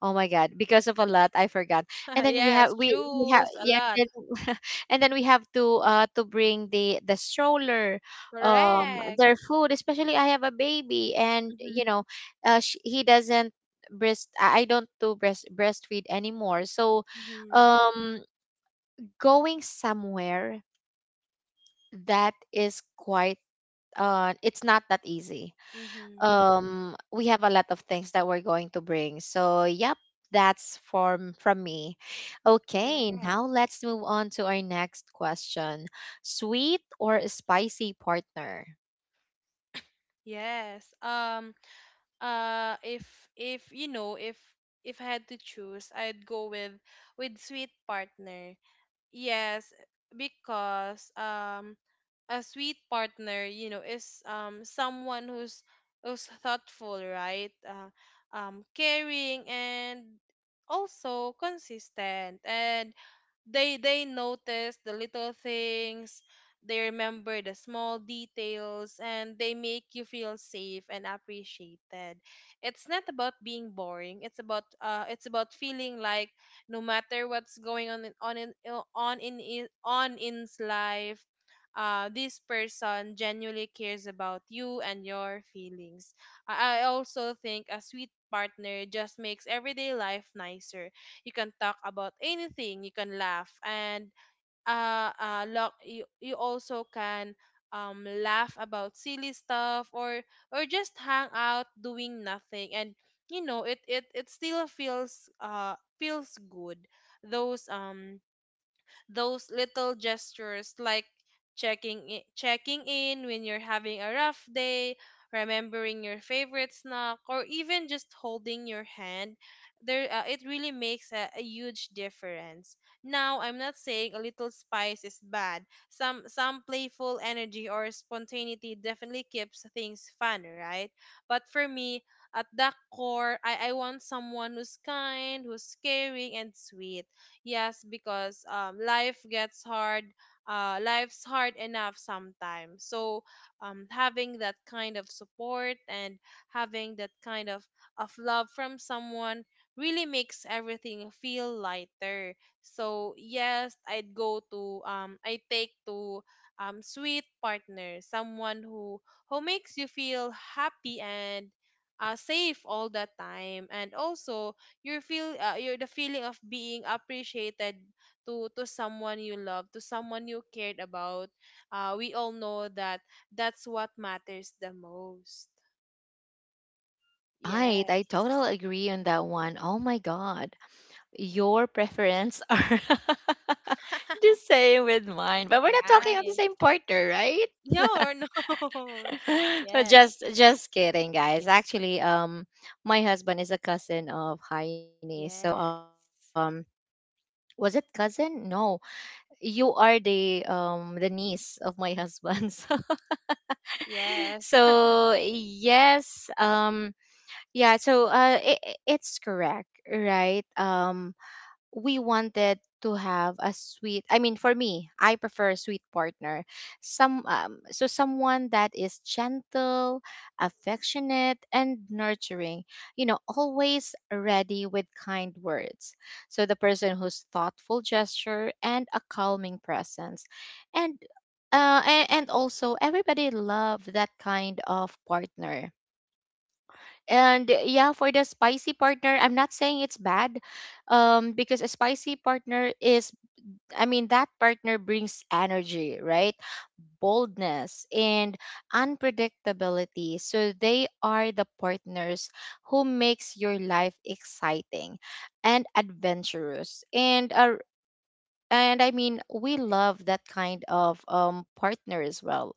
oh my God, because of a lot, I forgot. And (laughs) then we Yes, have, we have choose a yeah, and lot. then, (laughs) and then we have to bring the stroller, Correct. their food. Especially I have a baby, and you Mm-hmm. know, sh he doesn't breast. I don't do breastfeed anymore. So Mm-hmm. um, going somewhere that is quite it's not that easy. Mm-hmm. We have a lot of things that we're going to bring. So yep, that's from me. Okay, Correct. now let's move on to our next question. Sweet or spicy partner? Yes. If you know, if I had to choose, I'd go with sweet partner. Yes, because a sweet partner, you know, is someone who's thoughtful, right? Caring and also consistent, and they notice the little things, they remember the small details, and they make you feel safe and appreciated. It's not about being boring, it's about feeling like no matter what's going on in il- on in I- on in's life this person genuinely cares about you and your feelings. I also think a sweet partner just makes everyday life nicer. You can talk about anything, you can laugh, and you, also can laugh about silly stuff or just hang out doing nothing, and it still feels feels good. Those um those little gestures, like checking in, checking in when you're having a rough day, remembering your favorite snack, or even just holding your hand, there it really makes a huge difference. Now, I'm not saying a little spice is bad. Some playful energy or spontaneity definitely keeps things fun, right? But for me, at the core, I want someone who's kind, who's caring, and sweet. Yes, because life gets hard. Life's hard enough sometimes. So having that kind of support and having that kind of love from someone really makes everything feel lighter. So yes, I take to sweet partner, someone who makes you feel happy and safe all the time, and also you feel you the feeling of being appreciated to someone you love, to someone you cared about. We all know that that's what matters the most. Right, I Yes. totally agree on that one. Oh my god, your preference are (laughs) the (laughs) same with mine, but we're not talking on the Right. same partner, right? Yeah or no. (laughs) Just kidding guys. (laughs) Actually, my husband is a cousin of Heine, so Yes, was it cousin? No. You are the niece of my husband. (laughs) So, yes, yes. (laughs) Yes, yeah, so it's correct, right? We wanted to have a sweet, for me I prefer a sweet partner, some so someone that is gentle, affectionate, and nurturing, you know, always ready with kind words. So the person who's thoughtful gesture and a calming presence. And and also everybody love that kind of partner. And yeah, for the spicy partner, I'm not saying it's bad, because a spicy partner is, I mean, that partner brings energy, right? Boldness and unpredictability. So they are the partners who makes your life exciting and adventurous. And I mean, we love that kind of partner as well.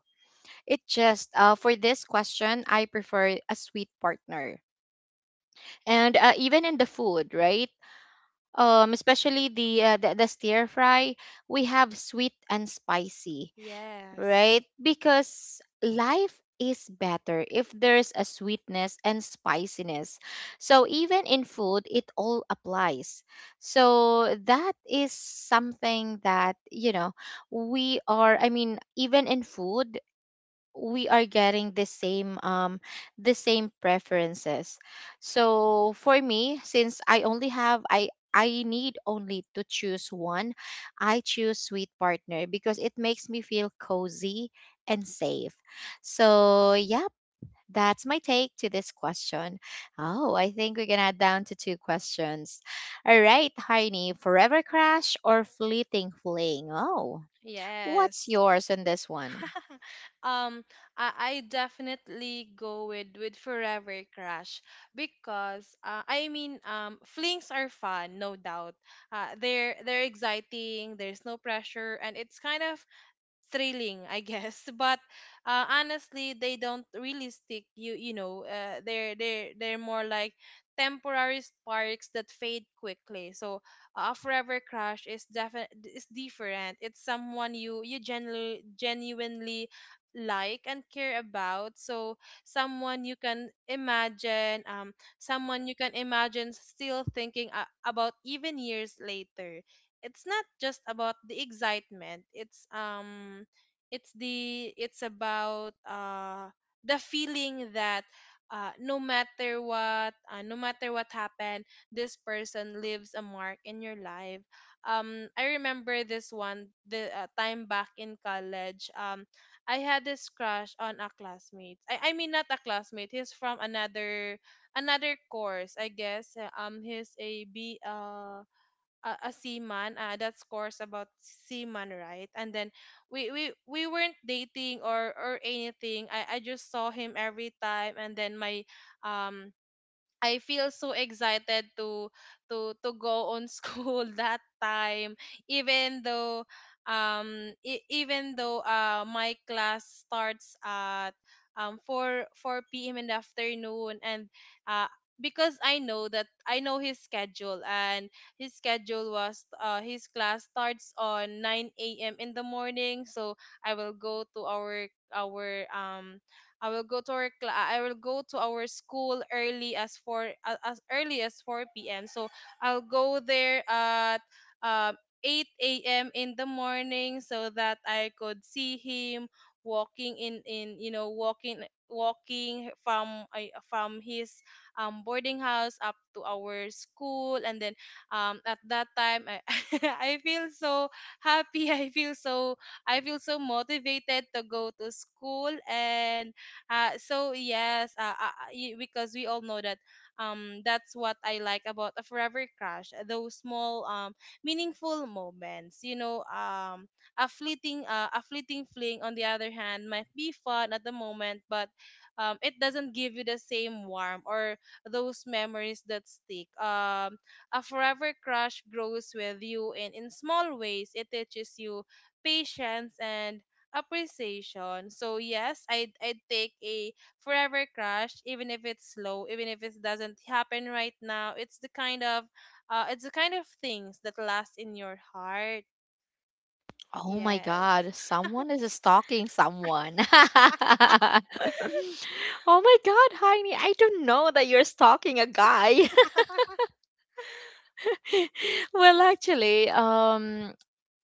It just for this question, I prefer a sweet partner and even in the food, right? Especially the, the stir fry, we have sweet and spicy, Yes, right? Because life is better if there's a sweetness and spiciness, so even in food it all applies. So that is something that you know We are, I mean, even in food, we are getting the same preferences. So for me, since I only have, I need only to choose one, I choose sweet partner because it makes me feel cozy and safe. So yep, that's my take to this question. Oh, I think we're gonna down to two questions. All right, Heini, forever crush or fleeting fling? Oh, what's yes. yours on this one? (laughs) um I definitely go with forever crush, because I mean, flings are fun, no doubt. They're exciting, there's no pressure, and it's kind of thrilling, I guess. (laughs) But honestly, they don't really stick. They're they're more like temporary sparks that fade quickly. So a forever crush is is different. It's someone you genuinely like and care about. So someone you can imagine, someone you can imagine still thinking about even years later. It's not just about the excitement, it's about the feeling that no matter what happened, this person leaves a mark in your life. I remember this one, the time back in college. I had this crush on a classmate, I mean not a classmate, he's from another another course, I guess. He's a b a seaman, that's course about seaman, right? And then we weren't dating or anything, I just saw him every time, and then my um I feel so excited to to go on school (laughs) that time. Even though even though my class starts at 4 p.m. in the afternoon, and uh because I know that I know his schedule, and his schedule was his class starts on 9 a.m. in the morning. So I will go to our I will go to our I will go to our school early as as early as four p.m. So I'll go there at eight a.m. in the morning, so that I could see him walking in, you know, walking walking from I from his boarding house up to our school. And then at that time I, (laughs) I feel so happy. (laughs) I feel so, I feel so motivated to go to school, and so yes, because we all know that that's what I like about a forever crush, those small meaningful moments. You know, a fleeting fling on the other hand might be fun at the moment, but it doesn't give you the same warmth or those memories that stick. A forever crush grows with you in small ways. It teaches you patience and appreciation. So yes, I'd take a forever crush, even if it's slow, even if it doesn't happen right now. It's the kind of it's the kind of things that last in your heart. Oh my Yes. god, someone is stalking someone. (laughs) Oh my god, Heini, I don't know that you're stalking a guy. (laughs) (laughs) Well, actually,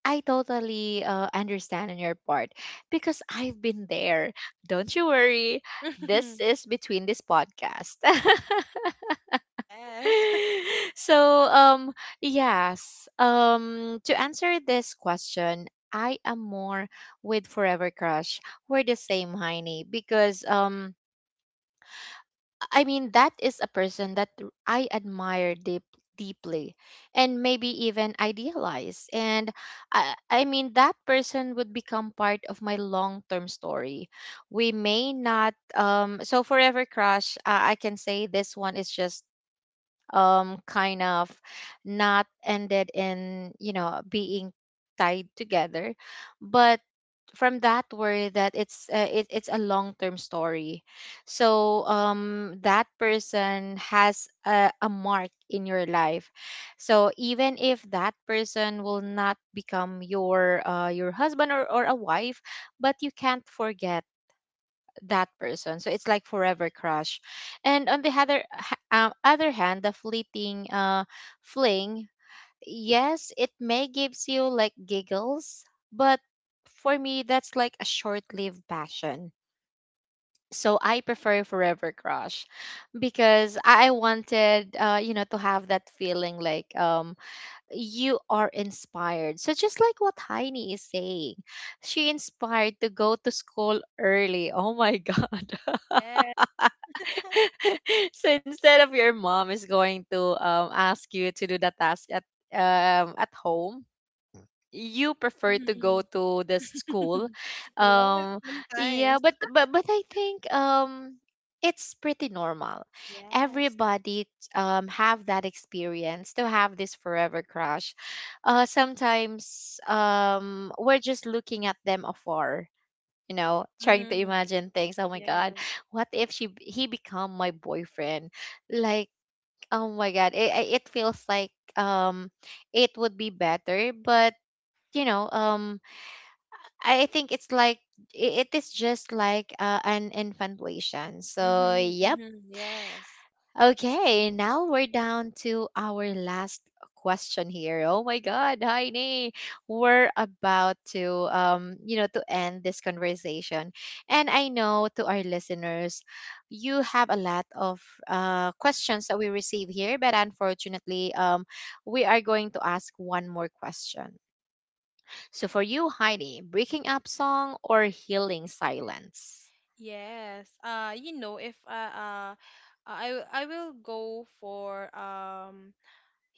I totally understand on your part, because I've been there. Don't you worry. This is between this podcast. (laughs) Yes. (laughs) (laughs) So yes, to answer this question, I am more with forever crush. We're the same, Heiny, because I mean, that is a person that I admire deep, deeply, and maybe even idealize. And I mean that person would become part of my long-term story. We may not, so forever crush, I can say this one is just kind of not ended in, you know, being tied together, but from that word that it's a long-term story. So that person has a mark in your life. So even if that person will not become your husband or a wife, but you can't forget that person. So it's like forever crush. And on the other hand, the fleeting fling, yes, it may gives you like giggles, but for me, that's like a short-lived passion. So I prefer forever crush because I wanted, you know, to have that feeling like you are inspired. So just like what Heini is saying, she inspired to go to school early. Oh my god. (laughs) Yes. (laughs) (laughs) So instead of your mom is going to ask you to do the task at home, you prefer Hmm. to go to the school. (laughs) Yes, um yeah, sometimes. but I think it's pretty normal, Yes. everybody have that experience to have this forever crush. Sometimes we're just looking at them afar, you know, trying to Hmm. imagine things. Oh my god, Yes. what if he become my boyfriend? Like, oh my god, it feels like it would be better, but you know, I think it's like it is just like an infatuation. So Hmm. yeah. Hmm. Yes. Okay, now we're down to our last question here. Oh my god, Heini, we're about to you know, to end this conversation. And I know to our listeners, you have a lot of questions that we receive here, but unfortunately, we are going to ask one more question. So for you, Heidi, breaking up song or healing silence? Yes. You know, if I I will go for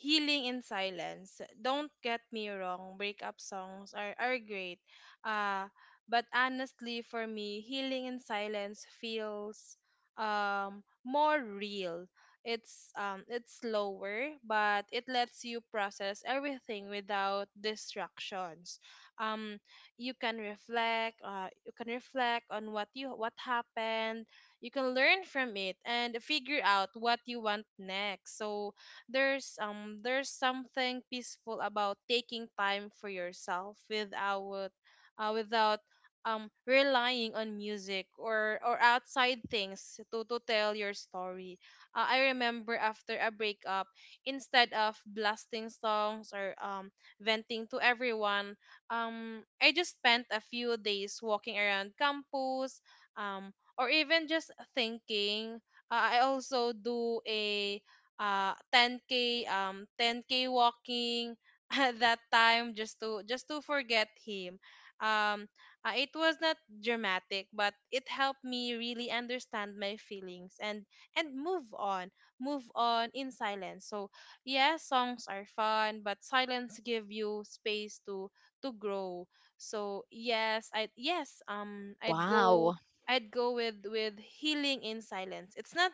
Healing in Silence. Don't get me wrong, breakup songs are great. Uh, but honestly, for me, Healing in Silence feels more real. It's slower, but it lets you process everything without distractions. Um, you can reflect. You can reflect on what you what happened. You can learn from it and figure out what you want next. So, there's something peaceful about taking time for yourself without uh, without relying on music or outside things to tell your story. I remember after a breakup, instead of blasting songs or venting to everyone, I just spent a few days walking around campus, or even just thinking. I also do a 10k 10k walking (laughs) at that time just to forget him. um it was not dramatic, but it helped me really understand my feelings and move on, move on in silence. So yes, songs are fun, but silence give you space to grow. So yes, I'd go Wow. I'd go with healing in silence.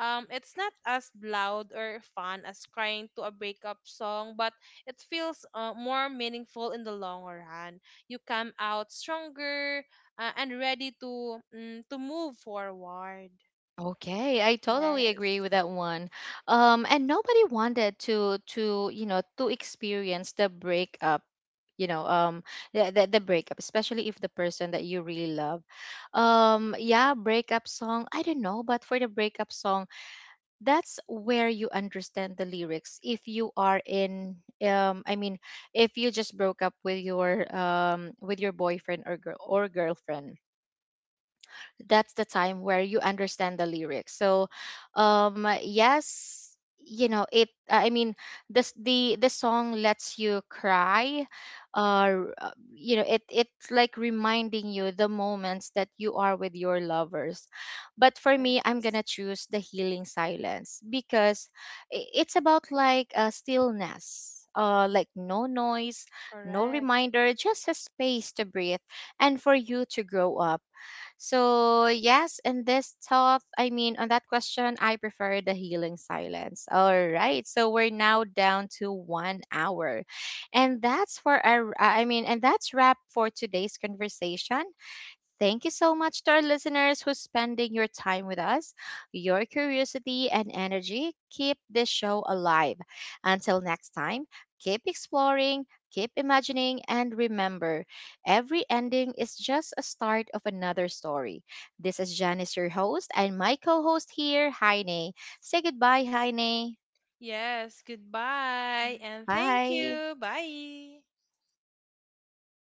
It's not as loud or fun as crying to a breakup song, but it feels more meaningful in the long run. You come out stronger and ready to to move forward. Okay, I totally Yes. agree with that one. And nobody wanted to you know to experience the breakup, you know, the breakup, especially if the person that you really love. Yeah, breakup song. I don't know, but for the breakup song, that's where you understand the lyrics. If you are in, I mean, if you just broke up with your boyfriend or girl or girlfriend, that's the time where you understand the lyrics. So yes, you know it, I mean, this the song lets you cry, you know, it it's like reminding you the moments that you are with your lovers. But for me, I'm Yes. gonna choose the healing silence, because it's about like a stillness, like no noise, no Correct. reminder, just a space to breathe and for you to grow up. So, yes, in this top, I mean, on that question, I prefer the healing silence. All right. So, we're now down to one hour. And that's for our, I mean, and that's wrap for today's conversation. Thank you so much to our listeners who's spending your time with us. Your curiosity and energy keep this show alive. Until next time, keep exploring, keep imagining, and remember every ending is just a start of another story. This is Janice, your host, and my co host here, Heine. Say goodbye, Heine. Yes. Goodbye and thank Bye. you. Bye.